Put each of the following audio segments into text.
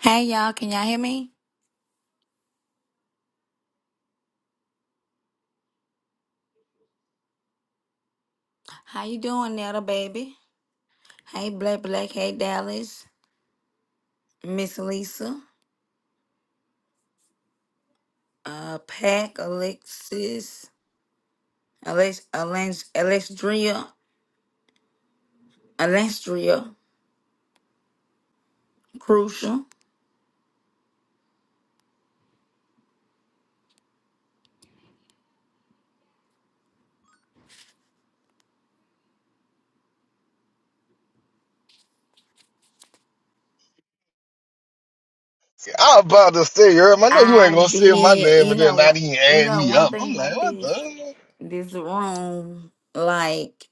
Hey y'all, can y'all hear me? How you doing, Netta baby? Hey Black Black, hey Dallas, Miss Lisa, uh Pack, Alexis, Alex Alex Alexandria, Alexandria, Crucial. I was about to say, Herb, I know you ain't I gonna say my did, name you and then know, not one- even you add know me one up. thing I'm like, about what this the? this room, like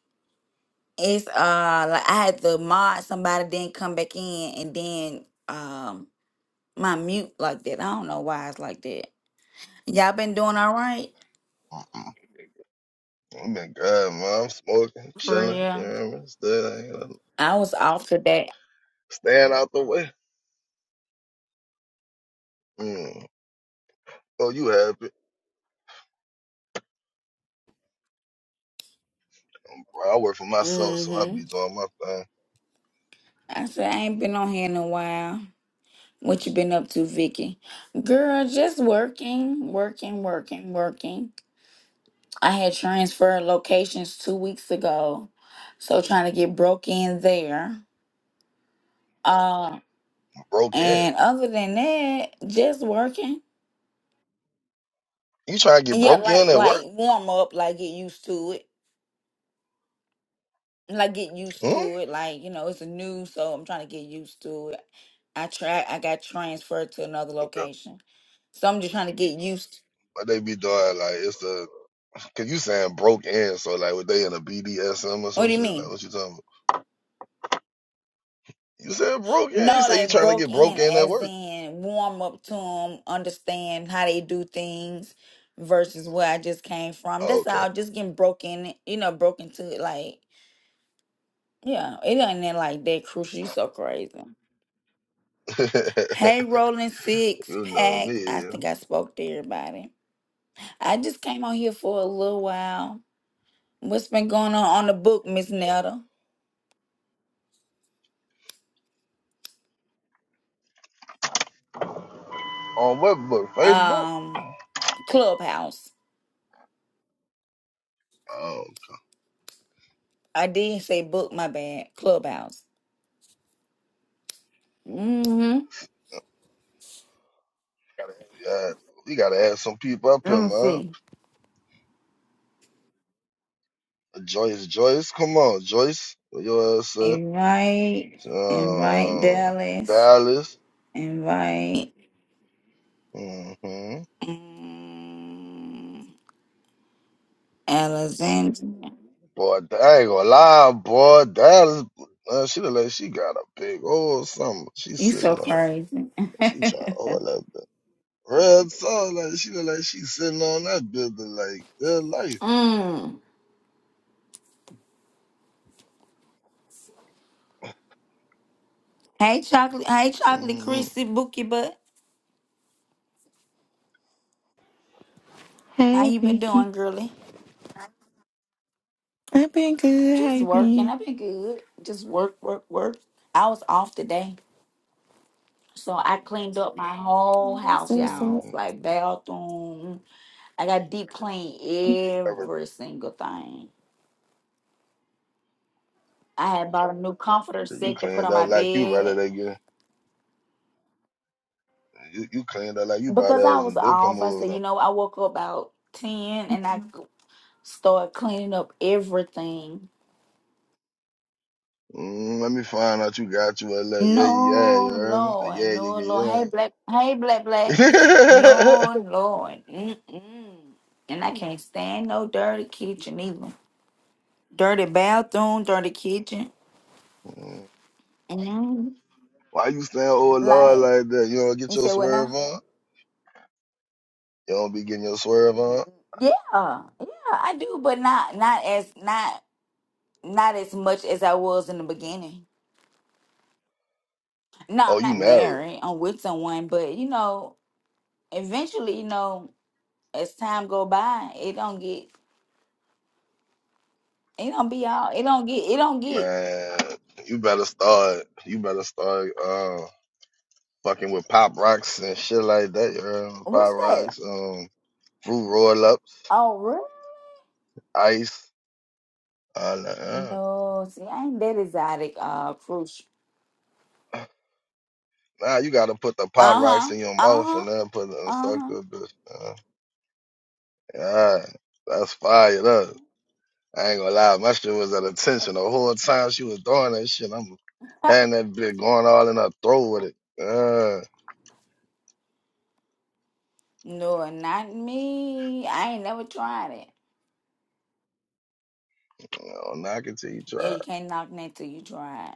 it's uh like I had to mod somebody then come back in and then um my mute like that. I don't know why it's like that. Y'all been doing all right? Mm-mm. I've been good, man. I'm smoking, For chilling. You real. know what I mean? Still I was off today. staying out the way. Mm. Oh, you happy? Bro, I work for myself, so I Mm-hmm. be doing my thing. I said I ain't been on here in a while. What you been up to, Vicky? Girl, just working, working, working, working. I had transferred locations two weeks ago, so trying to get broke in there. Uh, Broke in. and other than that, just working. You trying to get Yeah, broke like in at like work? warm up, like get used to it. Like get Hmm? used to it. Like you know, it's new, so I'm trying to get used to it. I try. I got transferred to another Okay. location, so I'm just trying to get used. What they be doing? Like it's a cause you saying broke in, so like were they in a B D S M or What some do you shit? Like mean? what you talking about? You said broke in. You No, say you like trying to broke get broke in, in at as work. in warm up to them, understand how they do things, versus where I just came from. Oh, That's all. Just getting broken, you know, broken to like, yeah, it ain't that, like that crucial. You so crazy. okay. Hey, Rolling Six You know Pack. me. I think I spoke to everybody. I just came on here for a little while. What's been going on on the book, Miss Nelda? On what book? Facebook? Um. Clubhouse. Oh, I did say book, my bad. Clubhouse. Mm-hmm. yeah. We gotta add some people up Let here, me man. see. Joyce, Joyce, come on, Joyce. Where your ass at? Invite, invite Uh, Dallas, Dallas. invite hmm um, Alexandria. Boy, I ain't gonna lie, boy. Dallas, uh, she look like she got a big old something. She You sitting so on. crazy. She trying to hold that bit. Red so like she look like she sitting on that building like their life. mm. Hey, chocolate. Hey, chocolate, Mm-hmm. Chrissy, Bookie Butt. How Hey, you been doing, Vicky. girly? I've been good. How Just you working. been? I've been good. Just work, work, work. I was off today. So I cleaned up my whole That's house, so y'all. Mm-hmm. up. Like bathroom. I got deep clean every single thing. I had bought a new comforter So you set to put cleaned on up my like you brother bed. that girl. You, you cleaned up like you bought Because I us was and they come off, I over said, you there. know, I woke up about 10 and I c- started cleaning up everything. Mm, let me find out you got you a little yeah yeah yeah you No, heard me? Lord. yeah No, Lord. yeah Hey, Black. Hey, Black, Black. yeah yeah. No, Lord. Mm-mm. And I can't stand no dirty kitchen either. Dirty bathroom, dirty kitchen. Mm, Amen. Why you stand oh Lord Like like that? You don't get you your say, what swerve now? on. You don't be getting your swerve Mm, on. Yeah, yeah, I do, but not not as not not as much as I was in the beginning. No, Oh, I'm you not married, married. I'm with someone, but you know, eventually, you know, as time go by, it don't get it don't be all it don't get it don't get man. You better start. You better start uh fucking with pop rocks and shit like that. You heard me? Pop what's that? rocks, um, fruit roll ups, Oh, really? ice. all that. No, see, I ain't that exotic, uh, crucial. uh. Nah, you gotta put the pop rocks Uh-huh. in your mouth Uh-huh. and then put the suck Uh-huh. the bitch. man. Yeah, that's fired up. I ain't gonna lie, my shit was at attention the whole time she was doing that shit. I'm having that bitch going all in her throat with it. Uh, No, not me. I ain't never tried it. I'll knock it till you Yeah, try. you can't knock that till you try it.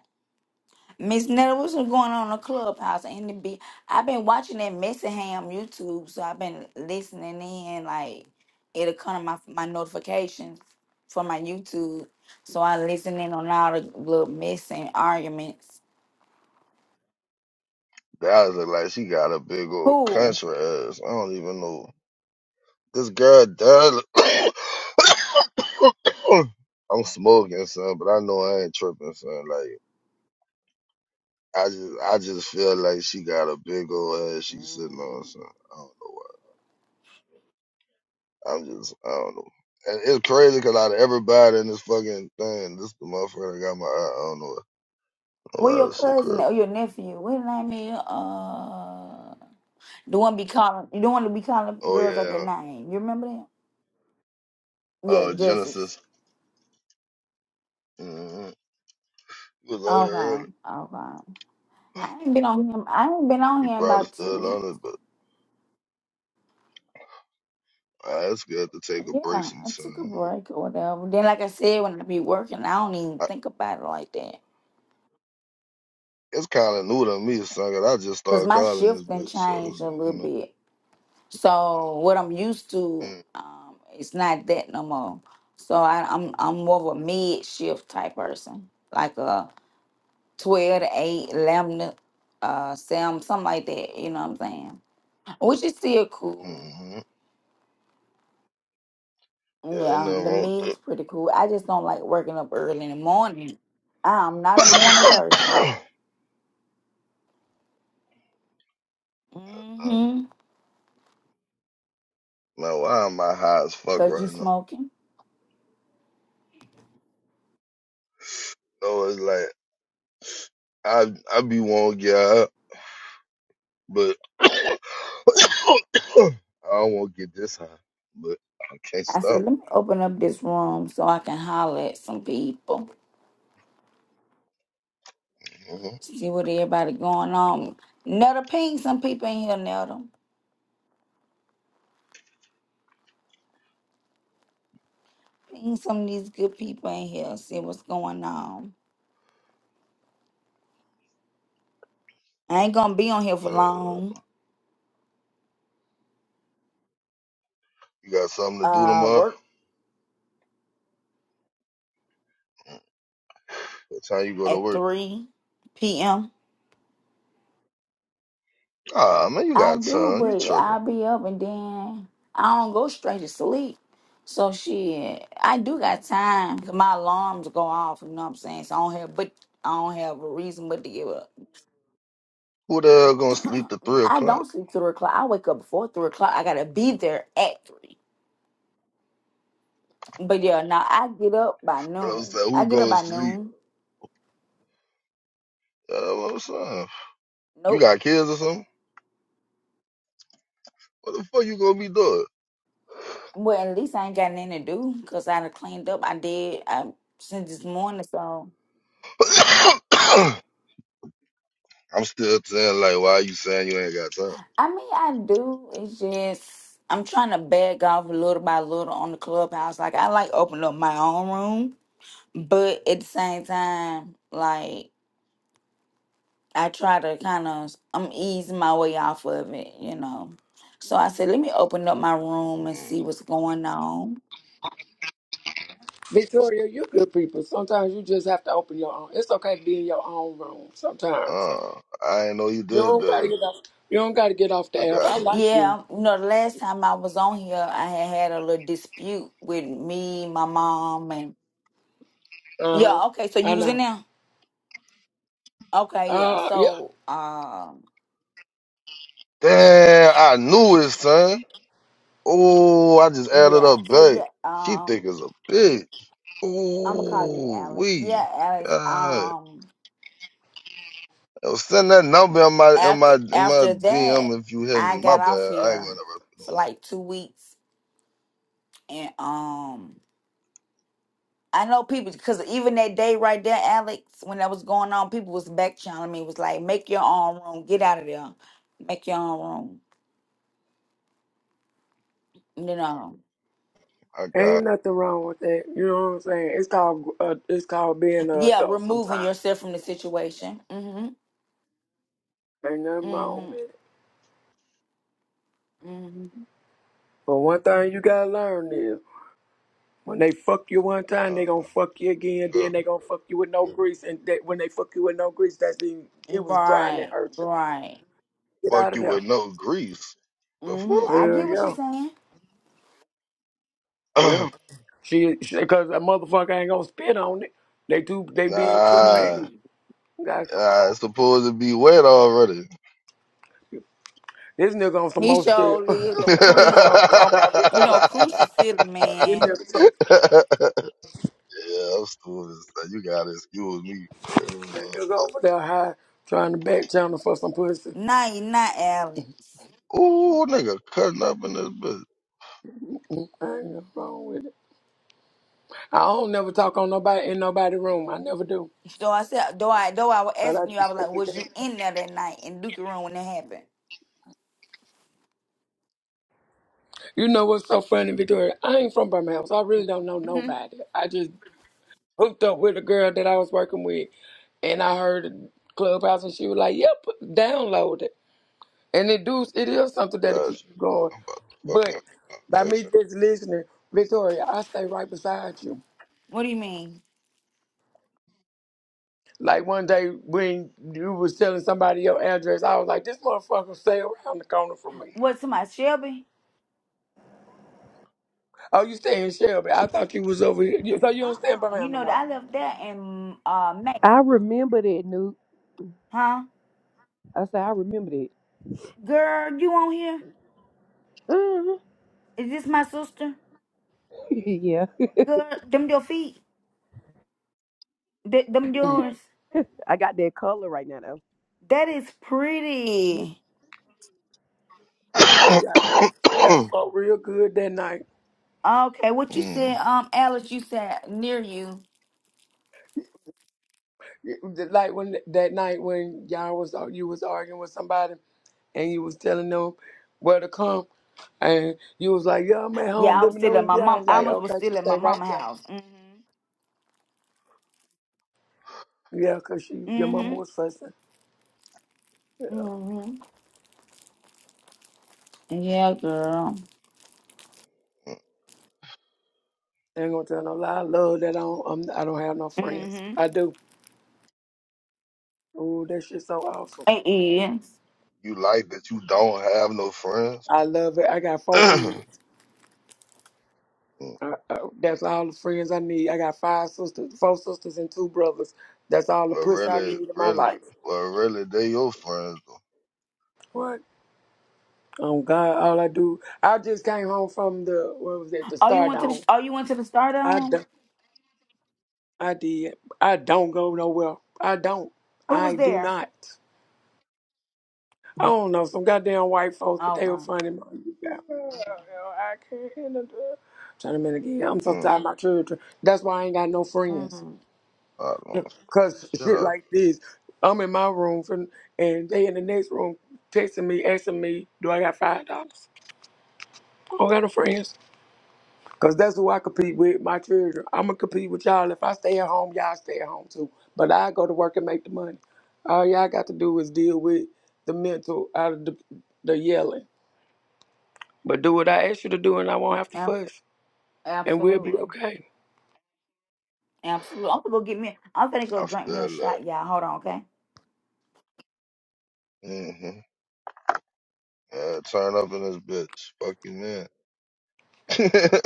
Miss Netta, what's been going on in the clubhouse and the be I've been watching that Messy Ham YouTube, so I've been listening in. Like it'll come to my my notifications for my YouTube, so I listen in on all the little messing arguments. That was look like she got a big old Who? country ass. I don't even know. This girl does. I'm smoking, son, but I know I ain't tripping, son. Like. I just I just feel like she got a big old ass she's sitting on. Mm. So I don't know why. I'm just I don't know. And it's crazy because out of everybody in this fucking thing, this the motherfucker that got my eye. I don't know why. Well, Why your this shit cousin crazy. or your nephew? What his name is? Uh, the one be calling. You don't want to be calling Oh girls like their yeah. name. You remember that? Yeah, Oh Justice. Genesis. Mm-hmm. He was on here Okay, okay. early. I ain't been on him. I ain't been on He here probably about two still on weeks. it, but uh, it's good to take a break Yeah, I took a sometime. break or whatever. Then, like I said, when I be working, I don't even I, think about it like that it's kind of new to me, son. 'cause I just because started my calling this shift then bitch, so changed a you little know. bit. So what I'm used to, um, it's not that no more. So I, I'm I'm more of a mid shift type person, like a twelve to eight, eleven to uh, Sam, something like that. You know what I'm saying? Which is still cool. Mm-hmm. Yeah, ain't Yeah, nothing the wrong with me's pretty cool. I just don't like working up early in the morning. I'm not a morning that. person. Uh, Mm-hmm. Man, why am I high as fuck Cause you right now? smoking. No, it's like I I be want to get high, but I don't want to get this high. But I can't I stop. said, let me open up this room so I can holler at some people. hmm See what everybody going on. Netta, ping some people in here, Netta. Ping some of these good people in here. See what's going on. I ain't gonna be on here for Uh, long. you got something to do Uh, tomorrow? work What time you go to at work? 3 p.m. Ah, man, you I got do, time. You but tripping? I'll be up and then I don't go straight to sleep. So shit, I do got time 'cause my alarms go off. You know what I'm saying? So I don't have, but I don't have a reason but to give up. Who the hell gonna sleep to three I o'clock? don't sleep three o'clock. I wake up before three o'clock. I gotta be there at three. But yeah, now I get up by But I was noon. like, I who get up goes by to sleep? noon. Uh, what's up? You Nope. got kids or something? What the fuck you gonna be doing? Well, at least I ain't got nothing to do because I done cleaned up. I did I, since this morning, so. I'm still saying like, why you saying you ain't got time? I mean, I do. It's just I'm trying to beg off little by little on the clubhouse. Like I like opening up my own room, but at the same time, like I try to kind of I'm easing my way off of it, you know. So I said, let me open up my room and Mm. see what's going on. Victoria, you good people. Sometimes you just have to open your own. It's okay to be in your own room. Sometimes Uh, I didn't know you you did don't gotta that. get off. You don't gotta get off I the app. I got you. like you. Yeah, you know, the last time I was on here, I had had a little dispute with me, my mom, and Uh yeah. huh. Okay, so I you was in know. there. Okay, yeah. Uh yeah. So, um. Damn, I knew it, son. Oh, I just added Yeah. up So back. yeah, She um, thick as a bitch. I'm gonna call you Oh, Alex. Yeah, we. Alex. Uh, Um, send that number in my in my after in my after that, DM if you hit me. I My got off bad. I ain't gonna here rep no for like two weeks, and um, I know people because even that day right there, Alex, when that was going on, people was back channeling me. Was like, make your own room, get out of there, make your own room. You know, more. I Ain't got it. nothing wrong with that. You know what I'm saying? It's called uh, it's called being an yeah, adult. removing Sometimes yourself from the situation. Mm-hmm. ain't nothing wrong with Mm-hmm. it. Mm-hmm. But one thing you gotta learn is when they fuck you one time, they gonna Uh, fuck you again. uh, Then they gonna fuck you with no grease. And that when they fuck you with no grease, that's the it was dry and it Right. hurt you. Right. Get fuck out of you there. with no grease. The Mm-hmm. fuck? I Hell get what you're yeah. saying. Yeah. She, because a motherfucker ain't gonna spit on it. They too, they being too Hmm. nah, mean. Guys, nah. come on. It's supposed to be wet already. This nigga on some He more shit. sure lived. yeah, you Crucial know what so I'm talking correct. about You because know, Crucial silly this man. nigga, tr- I'm still this. You gotta excuse me. girl. this But, nigga over there high trying to back channel for some pussy. Nah, he not Alex. Ooh, nigga, cutting up in this bitch. I ain't nothing wrong with it. I don't never talk on nobody in nobody's room. I never do. So I said, though I though I was But I asking you, I just, was like, was you in there that night in Dookie room when that happened? you know what's so funny, Victoria? I ain't from Birmingham, so I really don't know hmm nobody. I just hooked up with a girl that I was working with, and I heard the Clubhouse, and she was like, "Yep, download it." And it do it is something that'll keep Gosh, you going. I'm about to fucking But by uh, me text just listening, Victoria, I stay right beside you. What do you mean? Like one day when you was telling somebody your address, I was like, "This motherfucker stay around the corner from me." What somebody, Shelby? Oh, you stay in Shelby? I thought you was over here. You- So you Uh don't stay in uh You Birmingham no know that more. I left that in uh May, I remember that, Nuke. huh? I said, I remember that. Girl, you on here? Mhm. Is this my sister? yeah. Girl, them your feet, Th- them Mm. yours. I got that color right now, though. That is Yeah. pretty. You got you got you. fucked real good that night. Okay, what you mm. said, um, Alice? You said near you. like when that night when y'all was uh, you was arguing with somebody and you was telling them where to come, and you was like, "Yeah, I'm at home. Yeah, I Let was me know still when at you my get out." I mom. was like, Almost was "Okay, she still at my stay right mama there." house. Mm-hmm. Yeah, 'cause she your mama Mm-hmm. was fussing. Mm-hmm. Yeah, girl. Ain't gonna tell no lie. I love that I don't I'm, I i do not have no friends. Mm-hmm. I do. Ooh, that shit's so awesome. It is. You like that you don't have no friends? I love it. I got four kids. Mm, Uh, uh, that's all the friends I need. I got five sisters, four sisters and two brothers. That's all the well, puss I really, need in my really, life. well, really, they your friends though. What? Oh God, all I do, I just came home from the what was that, the Oh, you Star went to the. Dome. Oh, you went to the I Stardom. don't, I did. I don't go nowhere. I don't. Who was I do there? not. I don't know some goddamn white folks, but Oh they were my. funny. man. You got- I can't handle that. Trying to minute again. I'm so Mm, tired of my children. That's why I ain't got no friends. Mm-hmm. I don't. Cause Shut shit up. like this, I'm in my room for, and they in the next room texting me, asking me, do I got five dollars? I don't got no friends. Cause that's who I compete with, my children. I'ma compete with y'all. If I stay at home, y'all stay at home too. But I go to work and make the money. All y'all got to do is deal with the mental out of the, the yelling. But do what I ask you to do and I won't have to Absolutely. fuss. And we'll be Absolutely. okay. Absolutely. I'm gonna go get me. I'm gonna go I drink me feel a that. shot, y'all. Hold on, okay? Mm-hmm. Yeah, turn up in this bitch. Fuck you, man. I ain't gonna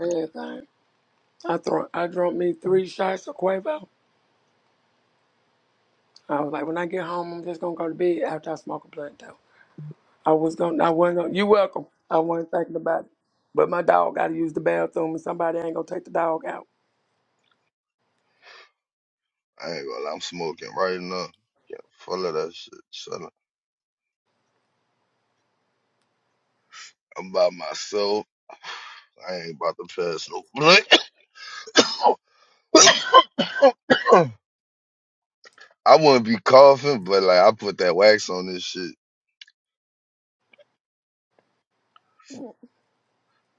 Everything. I throw I drunk me three shots of Quavo. I was like, when I get home, I'm just gonna go to bed after I smoke a blunt though. I was gonna I wasn't gonna you welcome. I wasn't thinking about it. But my dog gotta use the bathroom and somebody ain't gonna take the dog out. lie, I'm smoking right now. Get full of that shit, son. I'm by myself. I ain't about to pass no blunt. I wouldn't be coughing, but like I put that wax on this shit.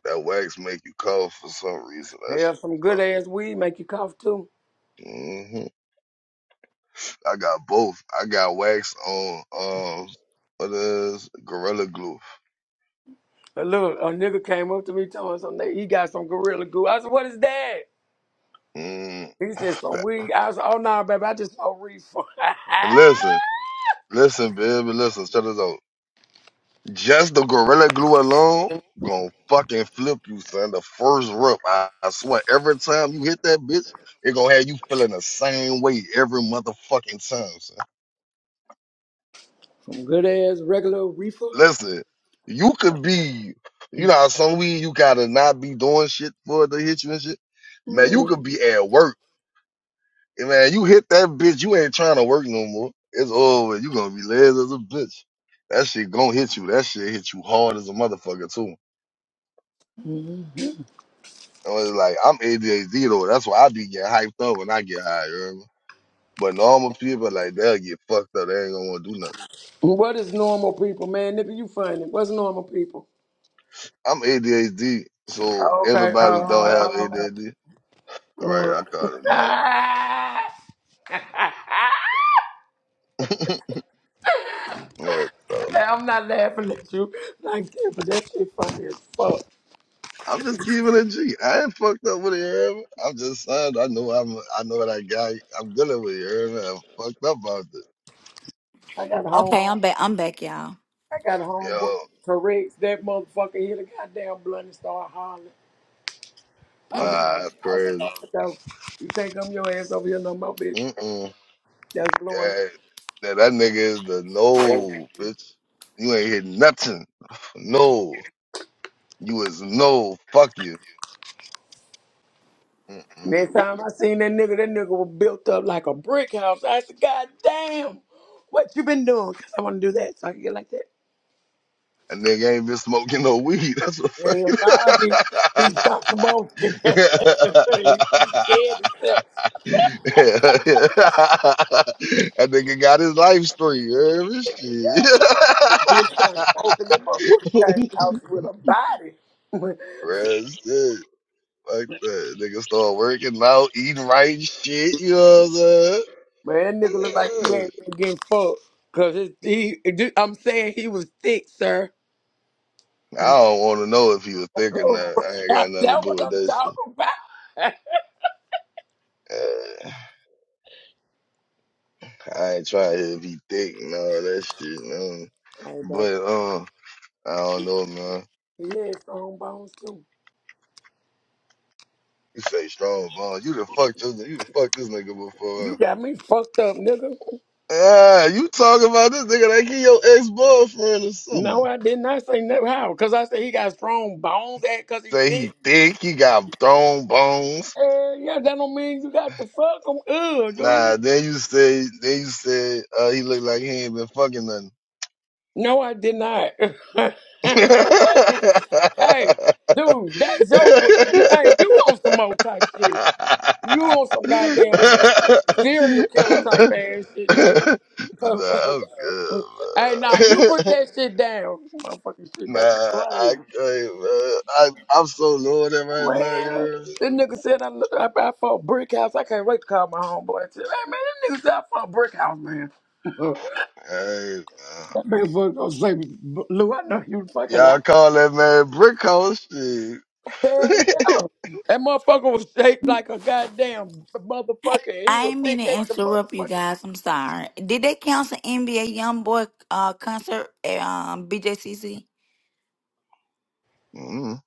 That wax make you cough for some reason. That shit. Hell, some good stop. ass weed make you cough too. hmm I got both. I got wax on um what is Gorilla Glue. A little a nigga came up to me telling me something he got some gorilla glue. I said, "What is that?" Mm. He said, "Some weed." I said, "Oh no, baby, I just saw reefer." listen, listen, baby, listen. Shut it up. Just the gorilla glue alone gonna fucking flip you, son. The first rub, I, I swear, every time you hit that bitch, it gonna have you feeling the same way every motherfucking time, son. some good ass regular reefer. Listen, you could be, you know, how some weed you gotta not be doing shit for it to hit you and shit. Man, you Mm. could be at work, and man, you hit that bitch, you ain't trying to work no more. It's over. You gonna be lazy as a bitch. That shit gonna hit you. That shit hit you hard as a motherfucker too. I was like, I'm ADHD though. That's why I be getting hyped up when I get high. You know? what I mean? But normal people like they'll get fucked up. They ain't gonna want to do nothing. What is normal people, man? Nigga, you funny. What's normal people? I'm ADHD, so Oh, Okay. everybody who don't have Uh, uh, ADHD, uh, right? I call it normal. uh. yeah, so I'm not laughing at you. Like that, but that shit funny as fuck. I'm just keeping it G. I ain't fucked up with it. You know? what I mean? I'm just saying. I know I'm. I know what I got. I'm dealing with it. You know? what I mean? I'm fucked up about this. I got home. Okay, I'm back. I'm back, y'all. I got homework Yo, corrects that motherfucker hit a goddamn blunt and start hollering. I, re- ah, Mm. that's I said, crazy. "What the hell? you can't come your ass over here no more, bitch. Mm-mm. That's blowing it. Yeah, that, that nigga is the no, bitch. You ain't hit nothing. No, you is no. Fuck you. Mm-mm. Next time I seen that nigga, that nigga was built up like a brick house. I said, God damn, what you been doing? 'Cause I want to do that so I can get like that. That nigga ain't been smoking no weed. That's what fuck you. Hell nah, he, he stopped smoking. he, he scared himself. that nigga got his life story. You hear me? Shit. Bitch started smoking. That motherfucker came out with a body. Real shit. Fuck that. Nigga start working out, eating right shit. You know what I'm saying? Man, that nigga look like he ain't been getting fucked. Cause his, he, it- I'm saying he was thick, sir. I don't want to know if he was thick or not. I ain't got That's nothing to do what with I'm that shit. talking about. Uh, I ain't trying to hear if he thick and all that shit. Man. hey, baby, But uh, I don't know, man. he had strong bones too. You say strong bone. You done fucked your, you done fucked this nigga before. huh? You got me fucked up, nigga. Ah, you talking about this nigga like he your ex boyfriend or something? No, I did not say never how. Cause I said he got strong bones, at cause he Say thick. he thick, he got strong bones. Uh, yeah, that don't mean you got to fuck him. Ugh, dude. Nah, then you say, then you said uh, he look like he ain't been fucking No, I did not. what? Is, hey, dude, that's your. Hey, nothing. you on some old type nah, shit? You on some goddamn serial killer type I'm good, man. ass shit, nigga. hey, nah, you put that shit down. Motherfucking shit Nah, got you I crazy. can't, man. I, I'm so loaded right now, you Man, hear me? this nigga said I, look- I, I fought Brick House. I can't wait to call my homeboy and tell him, hey, man, this nigga said I fought Brick House, man. that Hey, man. motherfucker gonna say, Lou, I know you fucking lie. Y'all call that man Brick House shit. Hell yeah. That motherfucker was shaped like a goddamn motherfucker. He I was ain't mean to thick as the interrupt you motherfucker. guys. I'm sorry. Did they cancel NBA YoungBoy uh concert at um BJCC? mm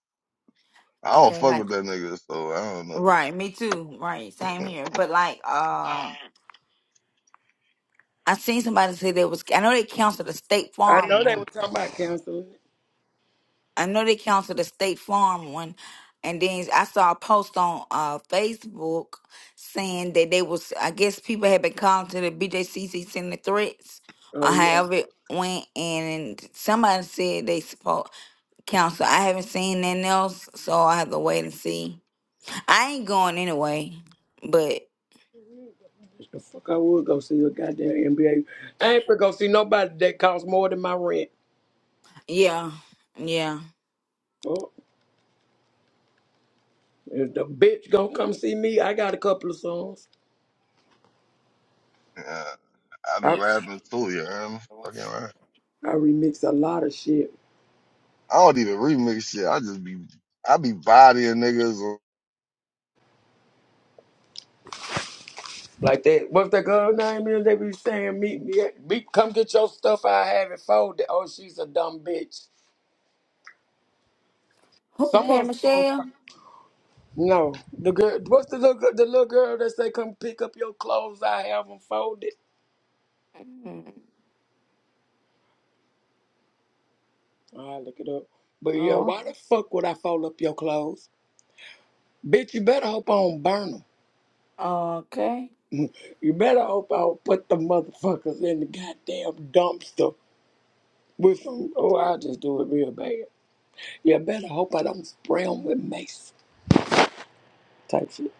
I don't Okay, fuck like with that nigga, so I don't know. Right, me too. Right, same here. But like, uh, I seen somebody say they was. I know they canceled the State I Farm know they were one. talking about counseling. I know they canceled the State Farm one, and then I saw a post on uh Facebook saying that they was. I guess people had been calling to the BJCC sending threats or Oh, yeah. however it went, and somebody said they support council. I haven't seen nothing else, so I have to wait and see. I ain't going anyway, but The fuck I would go see a goddamn NBA. I ain't finna go see nobody that costs more than my rent. yeah, yeah. Oh, If the bitch gonna come see me, I got a couple of songs. Yeah, I be I, rapping too, you hear me? Fucking rap. I remix a lot of shit. I don't even remix shit. I just be, I be bodying niggas or Like that, what's that girl name is? They be saying, meet me, at- me come get your stuff, I have it folded. Oh, she's a dumb bitch. Some Okay, of them, Michelle. no. The girl, what's the little, girl- the little girl that say, come pick up your clothes, I have them folded? Mm, I look it up. But yeah, Oh, why the fuck would I fold up your clothes? Bitch, you better hope I don't burn them. okay. You better hope I don't put the motherfuckers in the goddamn dumpster with some. Oh, I'll just do it real bad. You better hope I don't spray them with mace type shit.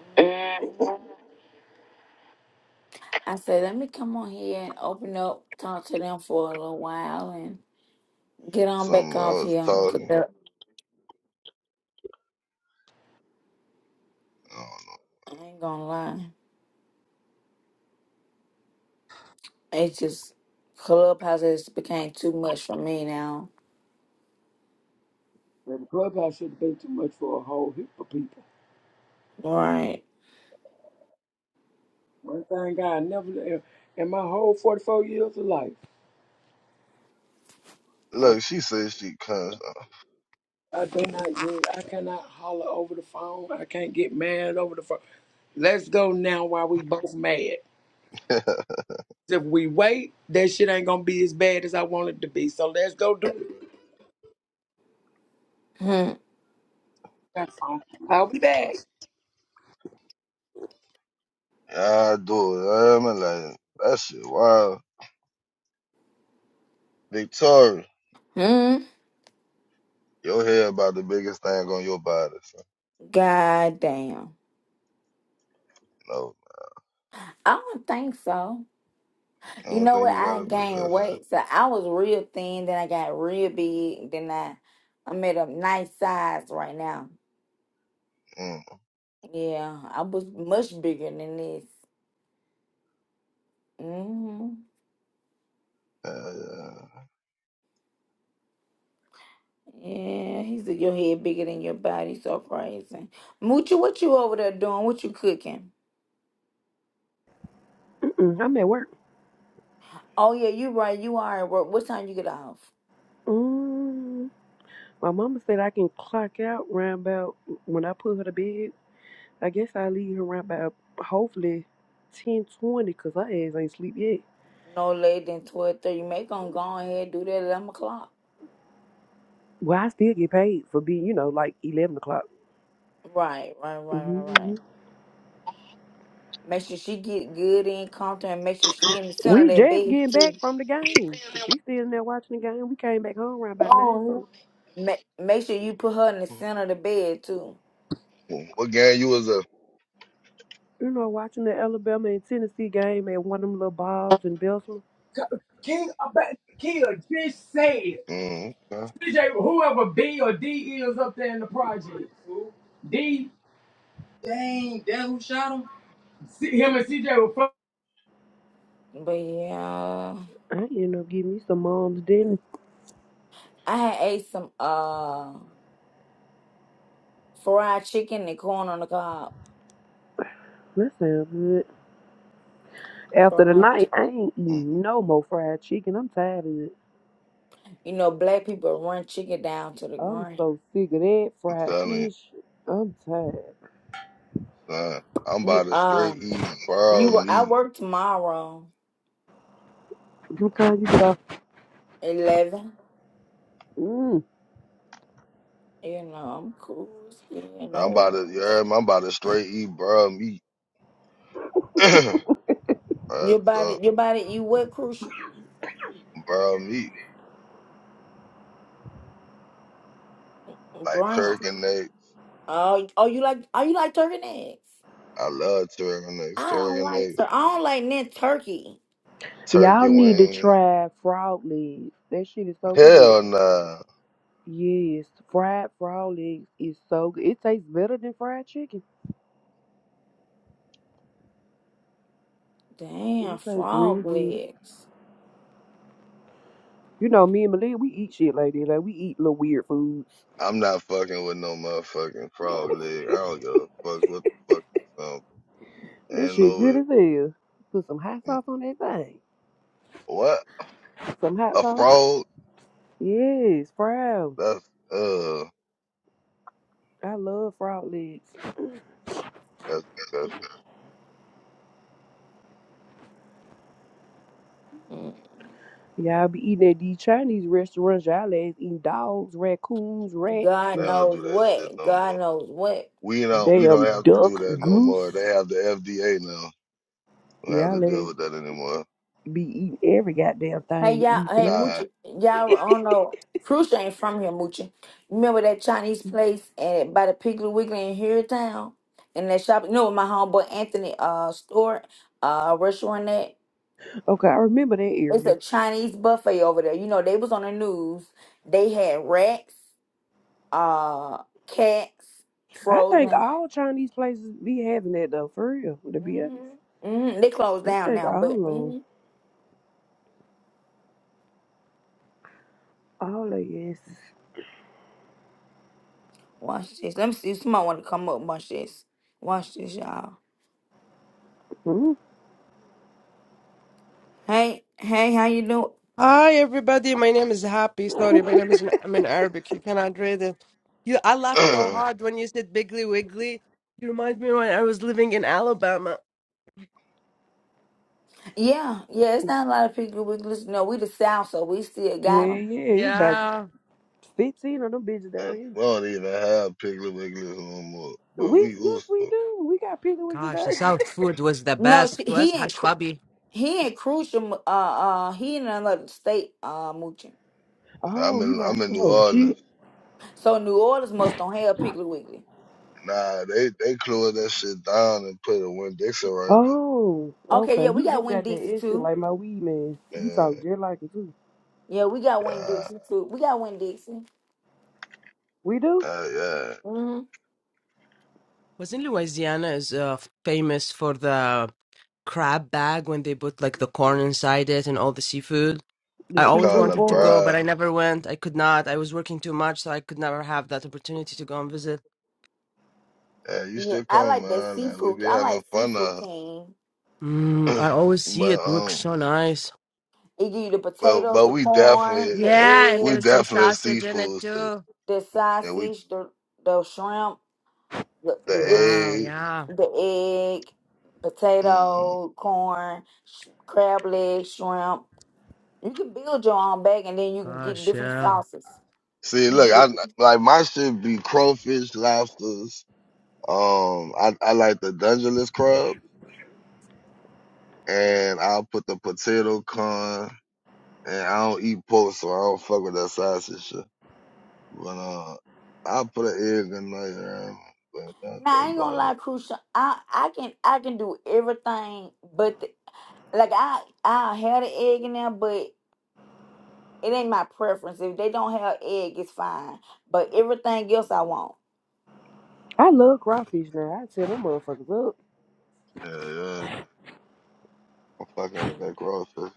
Mm, Mm. I said, let me come on here and open up, talk to them for a little while, and get on something. back I off was here. 'cause talking. that- I don't I ain't gonna lie, it's just clubhouse has became too much for me now. The clubhouse should have been too much for a whole heap of people. Right? One thing I never, in in my whole 44 years of life, know. I, Look, she says she cussed. I do not use, I cannot holler over the phone. I can't get mad over the phone. Let's go now while we both mad. If we wait, that shit ain't gonna be as bad as I want it to be. So let's go do it. Hmm. That's all. I'll be back. I do it. I'm like, that shit wild. Victoria, Hmm. your hair about the biggest thing on your body. son. God damn. No, I don't think so. I You don't know think what? you got I a big gained ass hair. weight, so I was real thin. Then I got real big. Then I, I'm at a nice size right now. Mm. Yeah, I was much bigger than this. hmm Uh, yeah. Yeah, he said your head bigger than your body, so crazy. Moochie, what you over there doing? What you cooking? Mm-mm, I'm at work. Oh yeah, you right. You are at work. What time you get off? Mm. My mama said I can clock out round about when I put her to bed. I guess I leave her around about hopefully 10:20 because her ass ain't sleep yet. No later than twelve thirty. Make on go ahead do that at eleven o'clock. Well, I still get paid for being, you know, like 11 o'clock. Right, right, right, right, right. hmm Make sure she get good and comfortable, and make sure she in the center of We that just bed getting back too. from the game. She still in there watching the game. We came back home around about 9 something. Make make sure you put her in the center of the bed too. Mm. What gang you was a? You know, watching the Alabama and Tennessee game at one of them little bars in Belsma, King, I bet King just say it. Mm, okay. DJ, whoever B or D is up there in the project. Who? D. Dang, that who shot him? C- him and CJ were But yeah, I ended up getting me some mom's dinner. I had ate some. Uh. fried chicken and corn on the cob. That sounds good. After Fried, the night, chi- I ain't Mm, eating no more fried chicken. I'm tired of it. you know, black people run chicken down to the I'm ground. so sick of that I'm fried telling you, fish. I'm tired. son. I'm You, about to straight um, eat you brown were. I meat. work tomorrow, Sometimes you get off. eleven. Mm. You know, I'm cool. It's good. You I'm know, about to, you worries. heard me? I'm about to straight eat brown meat. uh, your so, body, your body. You what? Crucial brown meat, like brown. turkey neck. Oh, oh, you like? Oh, you like turkey necks? I love turkey necks. I don't Turkey like. necks. Sir, I don't like net turkey. turkey Y'all need to wing. try frog legs. That shit is so good. Hell nah. Yes, fried frog legs is so good. It tastes better than fried chicken. Damn, It tastes really frog good. legs. You know, me and Malia, we eat shit like that. Like we eat little weird foods. I'm not fucking with no motherfucking frog leg. I don't give a fuck what the fuck you talking about. That Ain't shit no good way. as hell. Put some hot Mm. sauce on that thing. What? Some hot A sauce. frog? Yes, proud. That's uh I love frog legs. that's disgusting. Mm. Y'all be eating at these Chinese restaurants. Y'all ass eating dogs, raccoons, rats, God They and don't knows do that shit what. no more. God knows what. We don't we damn don't have to do duck, that no more. goose. They have the FDA now. We don't have to Y'all deal ass with that anymore. be eating every goddamn Hey thing y'all, eating from hey there. Nah. Moochie, y'all I don't know. Crucial ain't from here, Moochie. Remember that Chinese place at by the Piggly Wiggly in Harrytown? And that shop, you know, with my homeboy Anthony uh store uh restaurant at. Okay, I remember that It's area. a Chinese buffet over there. You know, they was on the news. They had rats, uh, cats, I think frozen. all Chinese places be having that though, for real, to be honest. Mm-hmm. Mm-hmm. They closed I down think now, but all of 'em. mhm. All of yes. watch this. Let me see. if Somebody want to come up. and Watch this. Watch this, y'all. Mm. Hey, hey, how you doing? Hi everybody, my name is Happy. Sorry, my name is in, I'm in Arabic. You cannot read it. You, I laughed so hard when you said Biggly Wiggly. You remind me when I was living in Alabama. Yeah, yeah, it's not a lot of people we listen. No, we the South, so we still got Yeah, them. yeah. It's about Yeah. 15 of them bitches down and here. we don't even have Piggly Wigglies no more. But We, we yes, used we to. do. We got pink with Gosh, today. the South food was the No, best. she, Was he ain't. hash babi? He ain't crucial. Uh, uh, he in another state. Uh, mooching. I'm oh, you in not. I'm in New Oh, Orleans. shit. So New Orleans must don't have Piggly Wiggly. Nah, they they closed that shit down and put a Win Dixon right Oh, Okay, yeah, okay. He we got do Win got that Dixie instant too. like my weed man. He there. talk just like it too. Yeah, we got Yeah, Win uh, Dixie too. We got Win Dixie. We do? uh, yeah. hmm Wasn't Louisiana is uh, famous for the crab bag when they put like the corn inside it and all the seafood? I The It's always called seafood wanted to bowl. go, but LeBron. I never went. I could not. I was working too much, so I could never have that opportunity to go and visit. Yeah, you Yeah, still I come, like that man. Like we seafood. be I having like fun seafood now. king. Mm, I always see it. but Looks um, so nice. It give you the but potatoes, but the we definitely corn, the Yeah, and egg, there we is some definitely a sausage in it seafood stick. too. the And we sausage, the the shrimp, the, the good. Wow, the egg. yeah. the egg, Mm. potato, corn, sh- crab legs, shrimp. You can build your own bag, and then you can get Gosh, different yeah. sauces. See, You look, get a, I like my shit be crawfish, lobsters. Um, I I like the Dungeness crab, and I'll put the potato corn. And I don't eat pork, so I don't fuck with that sausage shit. But uh, I put an egg in there, but that, now. that's I ain't gonna about it. lie, crucial. I I can I can do everything, but the, like I I have the egg in there, but it ain't my preference. If they don't have egg, it's fine. But everything else, I want. I love crawfish now. I tell them motherfuckers up. Yeah, yeah. I'm fucking with that Mhm. crawfish.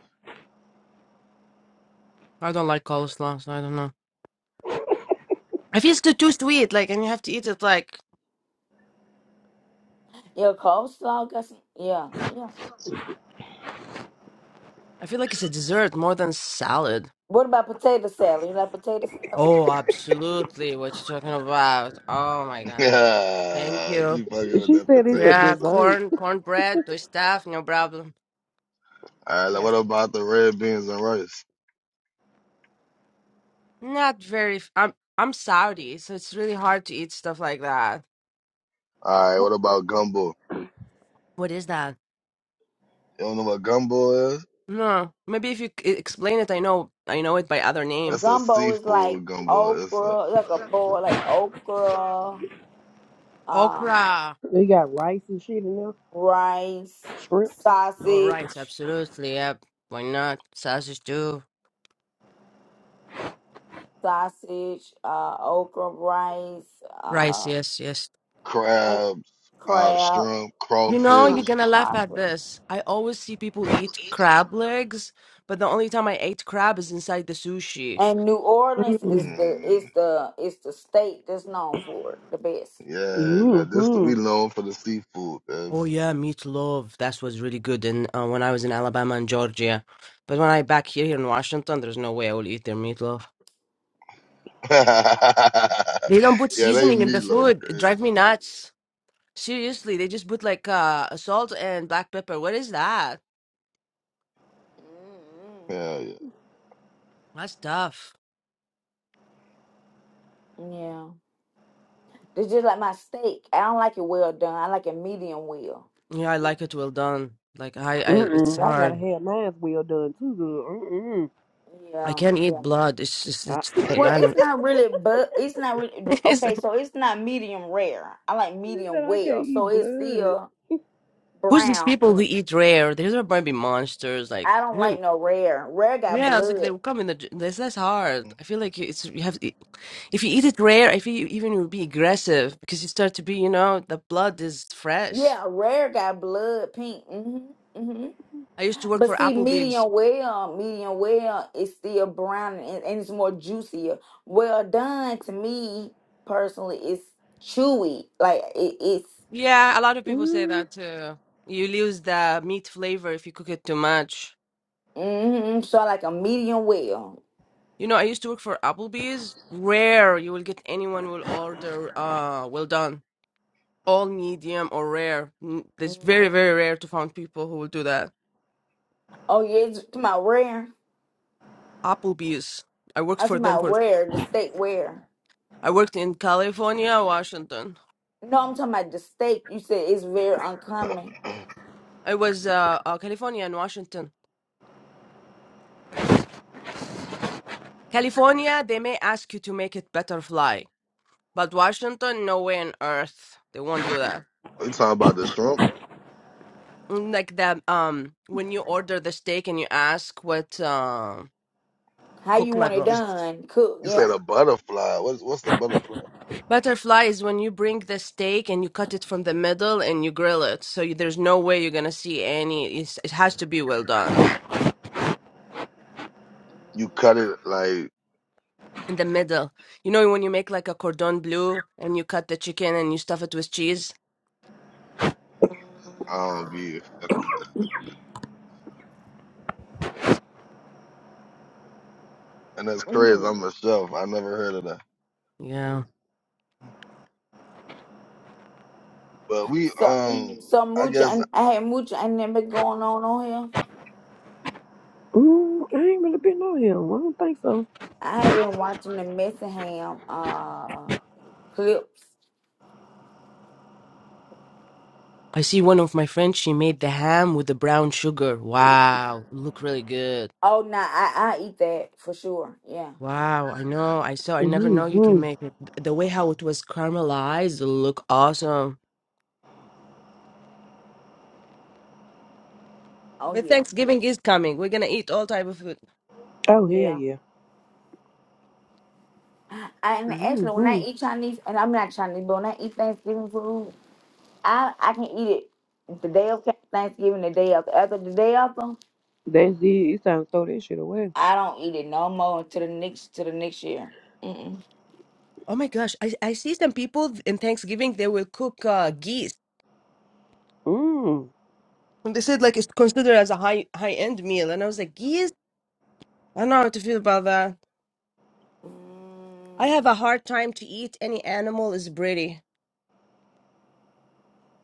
I don't like coleslaw, so I don't know. I feel it's too too sweet, like, and you have to eat it like, Yeah, coleslaw got some. Yeah, yeah. I feel like it's a dessert more than salad. What about potato salad? You like potato salad? Oh, absolutely. What you talking about? Oh my God. Thank Yeah, you. she fucking with She that said it's a potato Yeah, stuff. dessert. corn, cornbread, to stuff, no problem. All right, Yes. what about the red beans and rice? Not very. f- I'm I'm Saudi, so it's really hard to eat stuff like that. All right, what about gumbo? What is that? You don't know what gumbo is? No, maybe if you c- e, explain it, I know I know it by other name. It's a Gumbo is like seafood gumbo. It's a okra, like a bowl, like okra, um, Okra. They got rice and shit in there. rice, Shrimps. All right, sausage, absolutely. Yep. Why not? Sausage too. sausage, uh, okra, rice, Rice, uh, yes, yes. and crabs, uh, crab, shrimp, You know, you're crawfish. shrimp, gonna laugh at crawfish. this. I always see people eat crab legs, but the only time I ate crab is inside the sushi. And New Orleans Mm-hmm. is the is Mm, the is the state that's known for it the best. yeah, like this Mm-hmm. we known for the seafood. man. Oh yeah, meatloaf. That was really good and uh, when I was in Alabama and Georgia. But when I back here, here in Washington, there's no way I will eat their meatloaf. They don't put yeah, they seasoning in the meatloaf food. It crazy. drive me nuts. Seriously, they just put like uh salt and black pepper. What is that? mm mm. Yeah, yeah. That's tough. Yeah, it's just like my steak. I don't like it well done. I like it medium well. Yeah, I like it well done. Like I, I it's Mm-mm, I gotta hard. have mine's well done too good. Mm-mm. I Yeah, can't yeah. eat blood. It's just I, it's I Well, she it's don't not really, but it's not really it's, okay. like, So it's not medium rare. I like said medium I can't well. eat So it's blood. still who's these brown. people who Mm, eat rare? These are probably monsters. Like I don't when, like no rare. Rare got yeah, it's like they blood. will come in the j- this that's hard. I feel like it's you have to- if you eat it rare, I feel you even will be aggressive because you start to be, you know, the blood is fresh. Yeah, rare got blood pink. hmm hmm I used to work for But see, Applebee's medium well, medium well is still brown and, and it's more juicier. Well done to me personally is chewy. Like it, it's Yeah, a lot of people say Mm, that too. You lose the meat flavor if you cook it too much. hmm so I like a medium well. You know, I used to work for Applebee's. Rare, you will get anyone will order uh well done, all medium or rare. N- It's Mhm. very, very rare to find people who will do that. Oh yeah, it's my rare. Applebee's. I worked I'm for talking them about for where the steak where. I worked in California, Washington. No, I'm talking about the steak. You said it's very uncommon. I was uh, uh California and Washington. California, they may ask you to make it butterfly, but Washington, no way on earth. They won't do that. We talking about the shrimp. Mm, Like that, um, when you order the steak and you ask what uh, How you cook want it level. You s- done? Cook, you said yeah. a butterfly. What's what's the butterfly? Butterfly is when you bring the steak and you cut it from the middle and you grill it. So you, there's no way you're gonna see any. It's, it has to be well done You cut it like in the middle. You know when you make like a cordon bleu and you cut the chicken and you stuff it with cheese. I don't be, and that's crazy. Mm. I'm a chef. I never heard of that. Yeah, But we So, um, so I much. guess and I had much. and then been going on on here. mm, I ain't really been on him. I don't think so. I have been watching the Messy Ham uh clips. I see one of my friends. She made the ham with the brown sugar. Wow, look really good. Oh, nah, I I eat that for sure. Yeah. Wow, I know. I saw. I never know you can Mm-hmm. make it. The way how it was caramelized look awesome. Oh Well, yeah. Thanksgiving is coming. We're gonna eat all type of food. Oh hell Yeah. yeah. I, and actually, when I Mm-hmm. eat Chinese, and I'm not Chinese, but when I eat Thanksgiving food. I I can eat it the day of Thanksgiving, the day after. After the day after, That's it. It's time to throw that shit away. I don't eat it no more until the next to the next year. Mm-mm. Oh my gosh, I I see some people in Thanksgiving they will cook uh, geese. Mm. And they said like it's considered as a high high end meal, and I was like geese. I don't know how to feel about that. I Mm, have a hard time to eat any animal is pretty.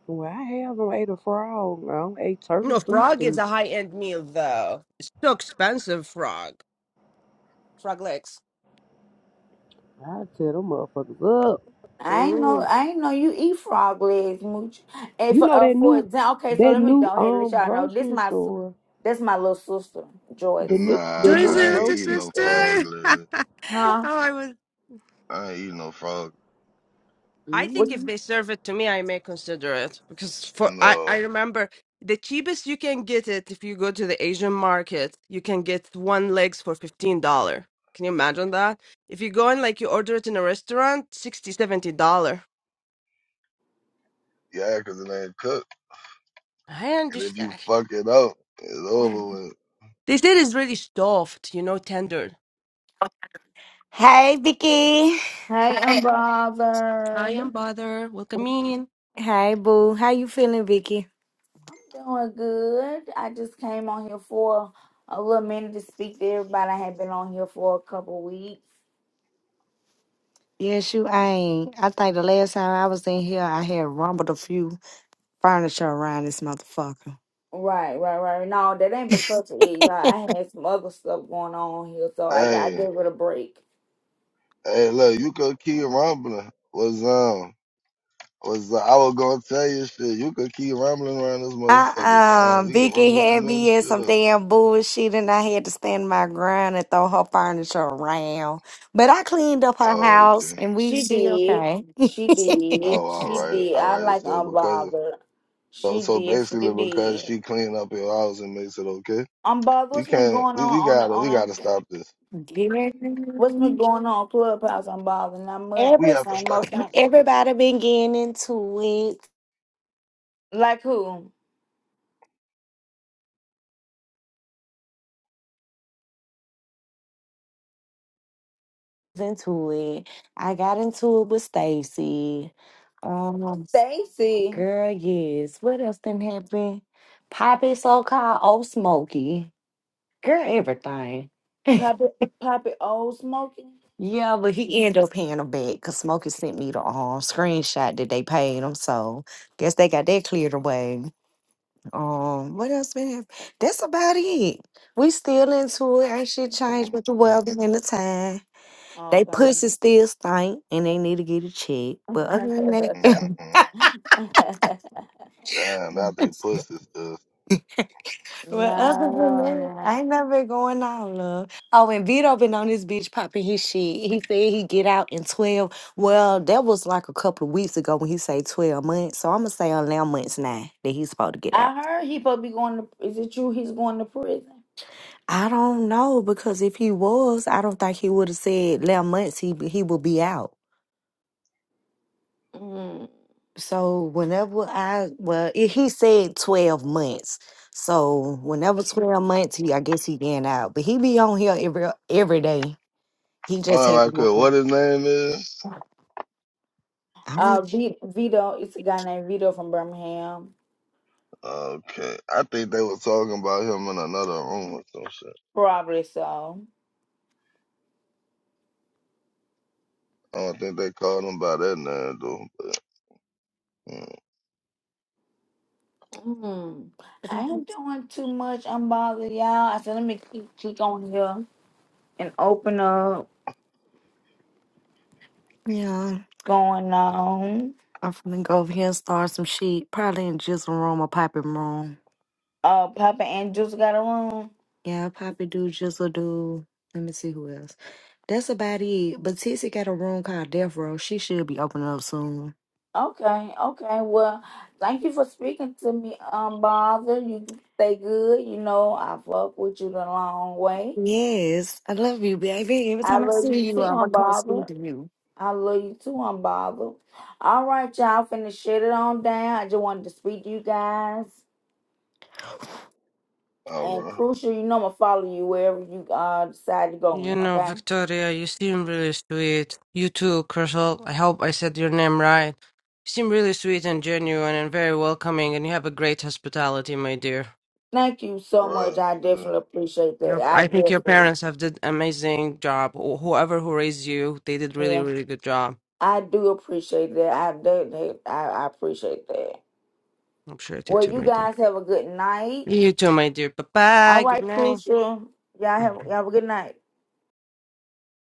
Well, I haven't ate a frog. I don't ate turtle No, soup, frog is and a high end meal though. It's so expensive. Frog, frog legs. I tell them motherfuckers up. I ain't Mm. know I ain't know you eat frog legs, mooch. And You for know uh, that for new, example, okay, so that let me new go ahead and let um y'all know this grocery my si- store, that's my little sister, the Joyce. nah. new, the new Who's- Joycelyn, I that's ain't your eating grocery no store. frog sister. legs. oh, Huh? I was. I ain't eating no frog. I think What- Mm-hmm. if they serve it to me, I may consider it because for I No. I remember the cheapest you can get it if you go to the Asian market, you can get one legs for fifteen dollar. Can you imagine that? If you go and like you order it in a restaurant, sixty seventy dollar. Yeah, 'cause it ain't cooked. I And if you understand. fuck it up, it's over with. They said it's really soft, you know, tender. Hey, Vicky. Hey, I'm Hi, I'm bothered. bother. Welcome in. Hey, boo. How you feeling, Vicky? I'm doing good. I just came on here for a little minute to speak to everybody. I had been on here for a couple weeks. Yes, you ain't. I think the last time I was in here, I had rumbled a few furniture around this motherfucker. Right, right, right. No, that ain't because of it, y'all. I had some other stuff going on here, so I got I Hey, gave it a break. hey, look, you could keep rumbling. What's up? was like, I was gonna tell you shit. You could keep rambling around this motherfucker, Uh-uh. man. We could Vicky rumble had some other me in shit some up. damn bullshit, and I had to stand my ground and throw her furniture around. But I cleaned up her Oh, house, okay. and we She she did. okay. She did. Oh, all She right, did. all I'm right. like So because unbothered. so, She so did. She basically because did. she cleaned up your house and makes it okay, Unbothered. we What's been can't. going on We, we on the gotta we on gotta a stop this. what's been Getting- going on Clubhouse? Unbothered. Not much. We Every, have to Same most stop thing. this. everybody been getting into it. Like who? into it. I got into it with Stacy. Um, Stacy. girl, yes. What else didn't happen? Poppy, so called, old Smokey. Girl, everything. Poppy, Poppy Old Smoky. yeah, but he ended up paying them back because Smokey sent me the um, screenshot that they paid him. So guess they got that cleared away. Um, what else been happening? That's about it. We still into it. Ain't shit changed Mm, but the mm, weather and the time. Okay. They pussy no, still stink and they need to get a check. But other than mm, that, mm. Damn, now they pussies. stuff. but other than that, no. I ain't never been going on, love. Oh, and Vito been on this bitch popping his shit. He said he get out in 12. Well, that was like a couple of weeks ago when he say 12 months. So I'm gonna say 11 months now that he's supposed to get out. I heard he supposed to be going to. Is it true he's going to prison? I don't know because if he was, I don't think he would have said 11 months. He he would be out. Mm. So whenever I well, i- he said twelve months. So whenever It's- twelve months, he I guess he been out, but he be on here every every day. He just All had right, cool. What one. his name is? I don't know. Uh, what V- Vito. It's a guy named Vito from Birmingham. Okay, I think they was talking about him in another room or some shit. Probably so. I don't think they called him by that name though. But, mm. Mm. I that ain't is. doing too much. I'm bothering y'all. I said let me click, click on here and open up Yeah, going on. I'm finna go over here and start some shit. Probably in Jizzle room or Poppy room. Uh, Papa and Juice got a room. Yeah, Poppy do Jizzle do. Let me see who else. That's about it. But Tissy got a room called Death Row. She should be opening up soon. Okay, okay. Well, thank you for speaking to me, um, bother. You stay good. You know, I fuck with you the long way. Yes, I love you, baby. Every I time I love you see you, too, I'm gonna come speak unbothered. to you. I love you too, unbothered. All right, y'all, finna shut it on down. I just wanted to speak to you guys. All And right. crucial, you know, I'm gonna follow you wherever you uh decide to go You in. know, Okay. Victoria, you seem really sweet. You too, Crystal. I hope I said your name right. You seem really sweet and genuine and very welcoming, and you have a great hospitality, my dear. Thank you All so much. right. I shit. definitely appreciate that. Your, I I think your definitely, parents have did amazing job. Wh- Whoever who raised you, they did really, yeah, really good job. I do appreciate that. I do. I, I appreciate that. I'm sure you Well, too, you my dear. guys have a good night. You too, my dear. Bye bye. All Good right, night. Crucial. Y'all have y'all have a good night.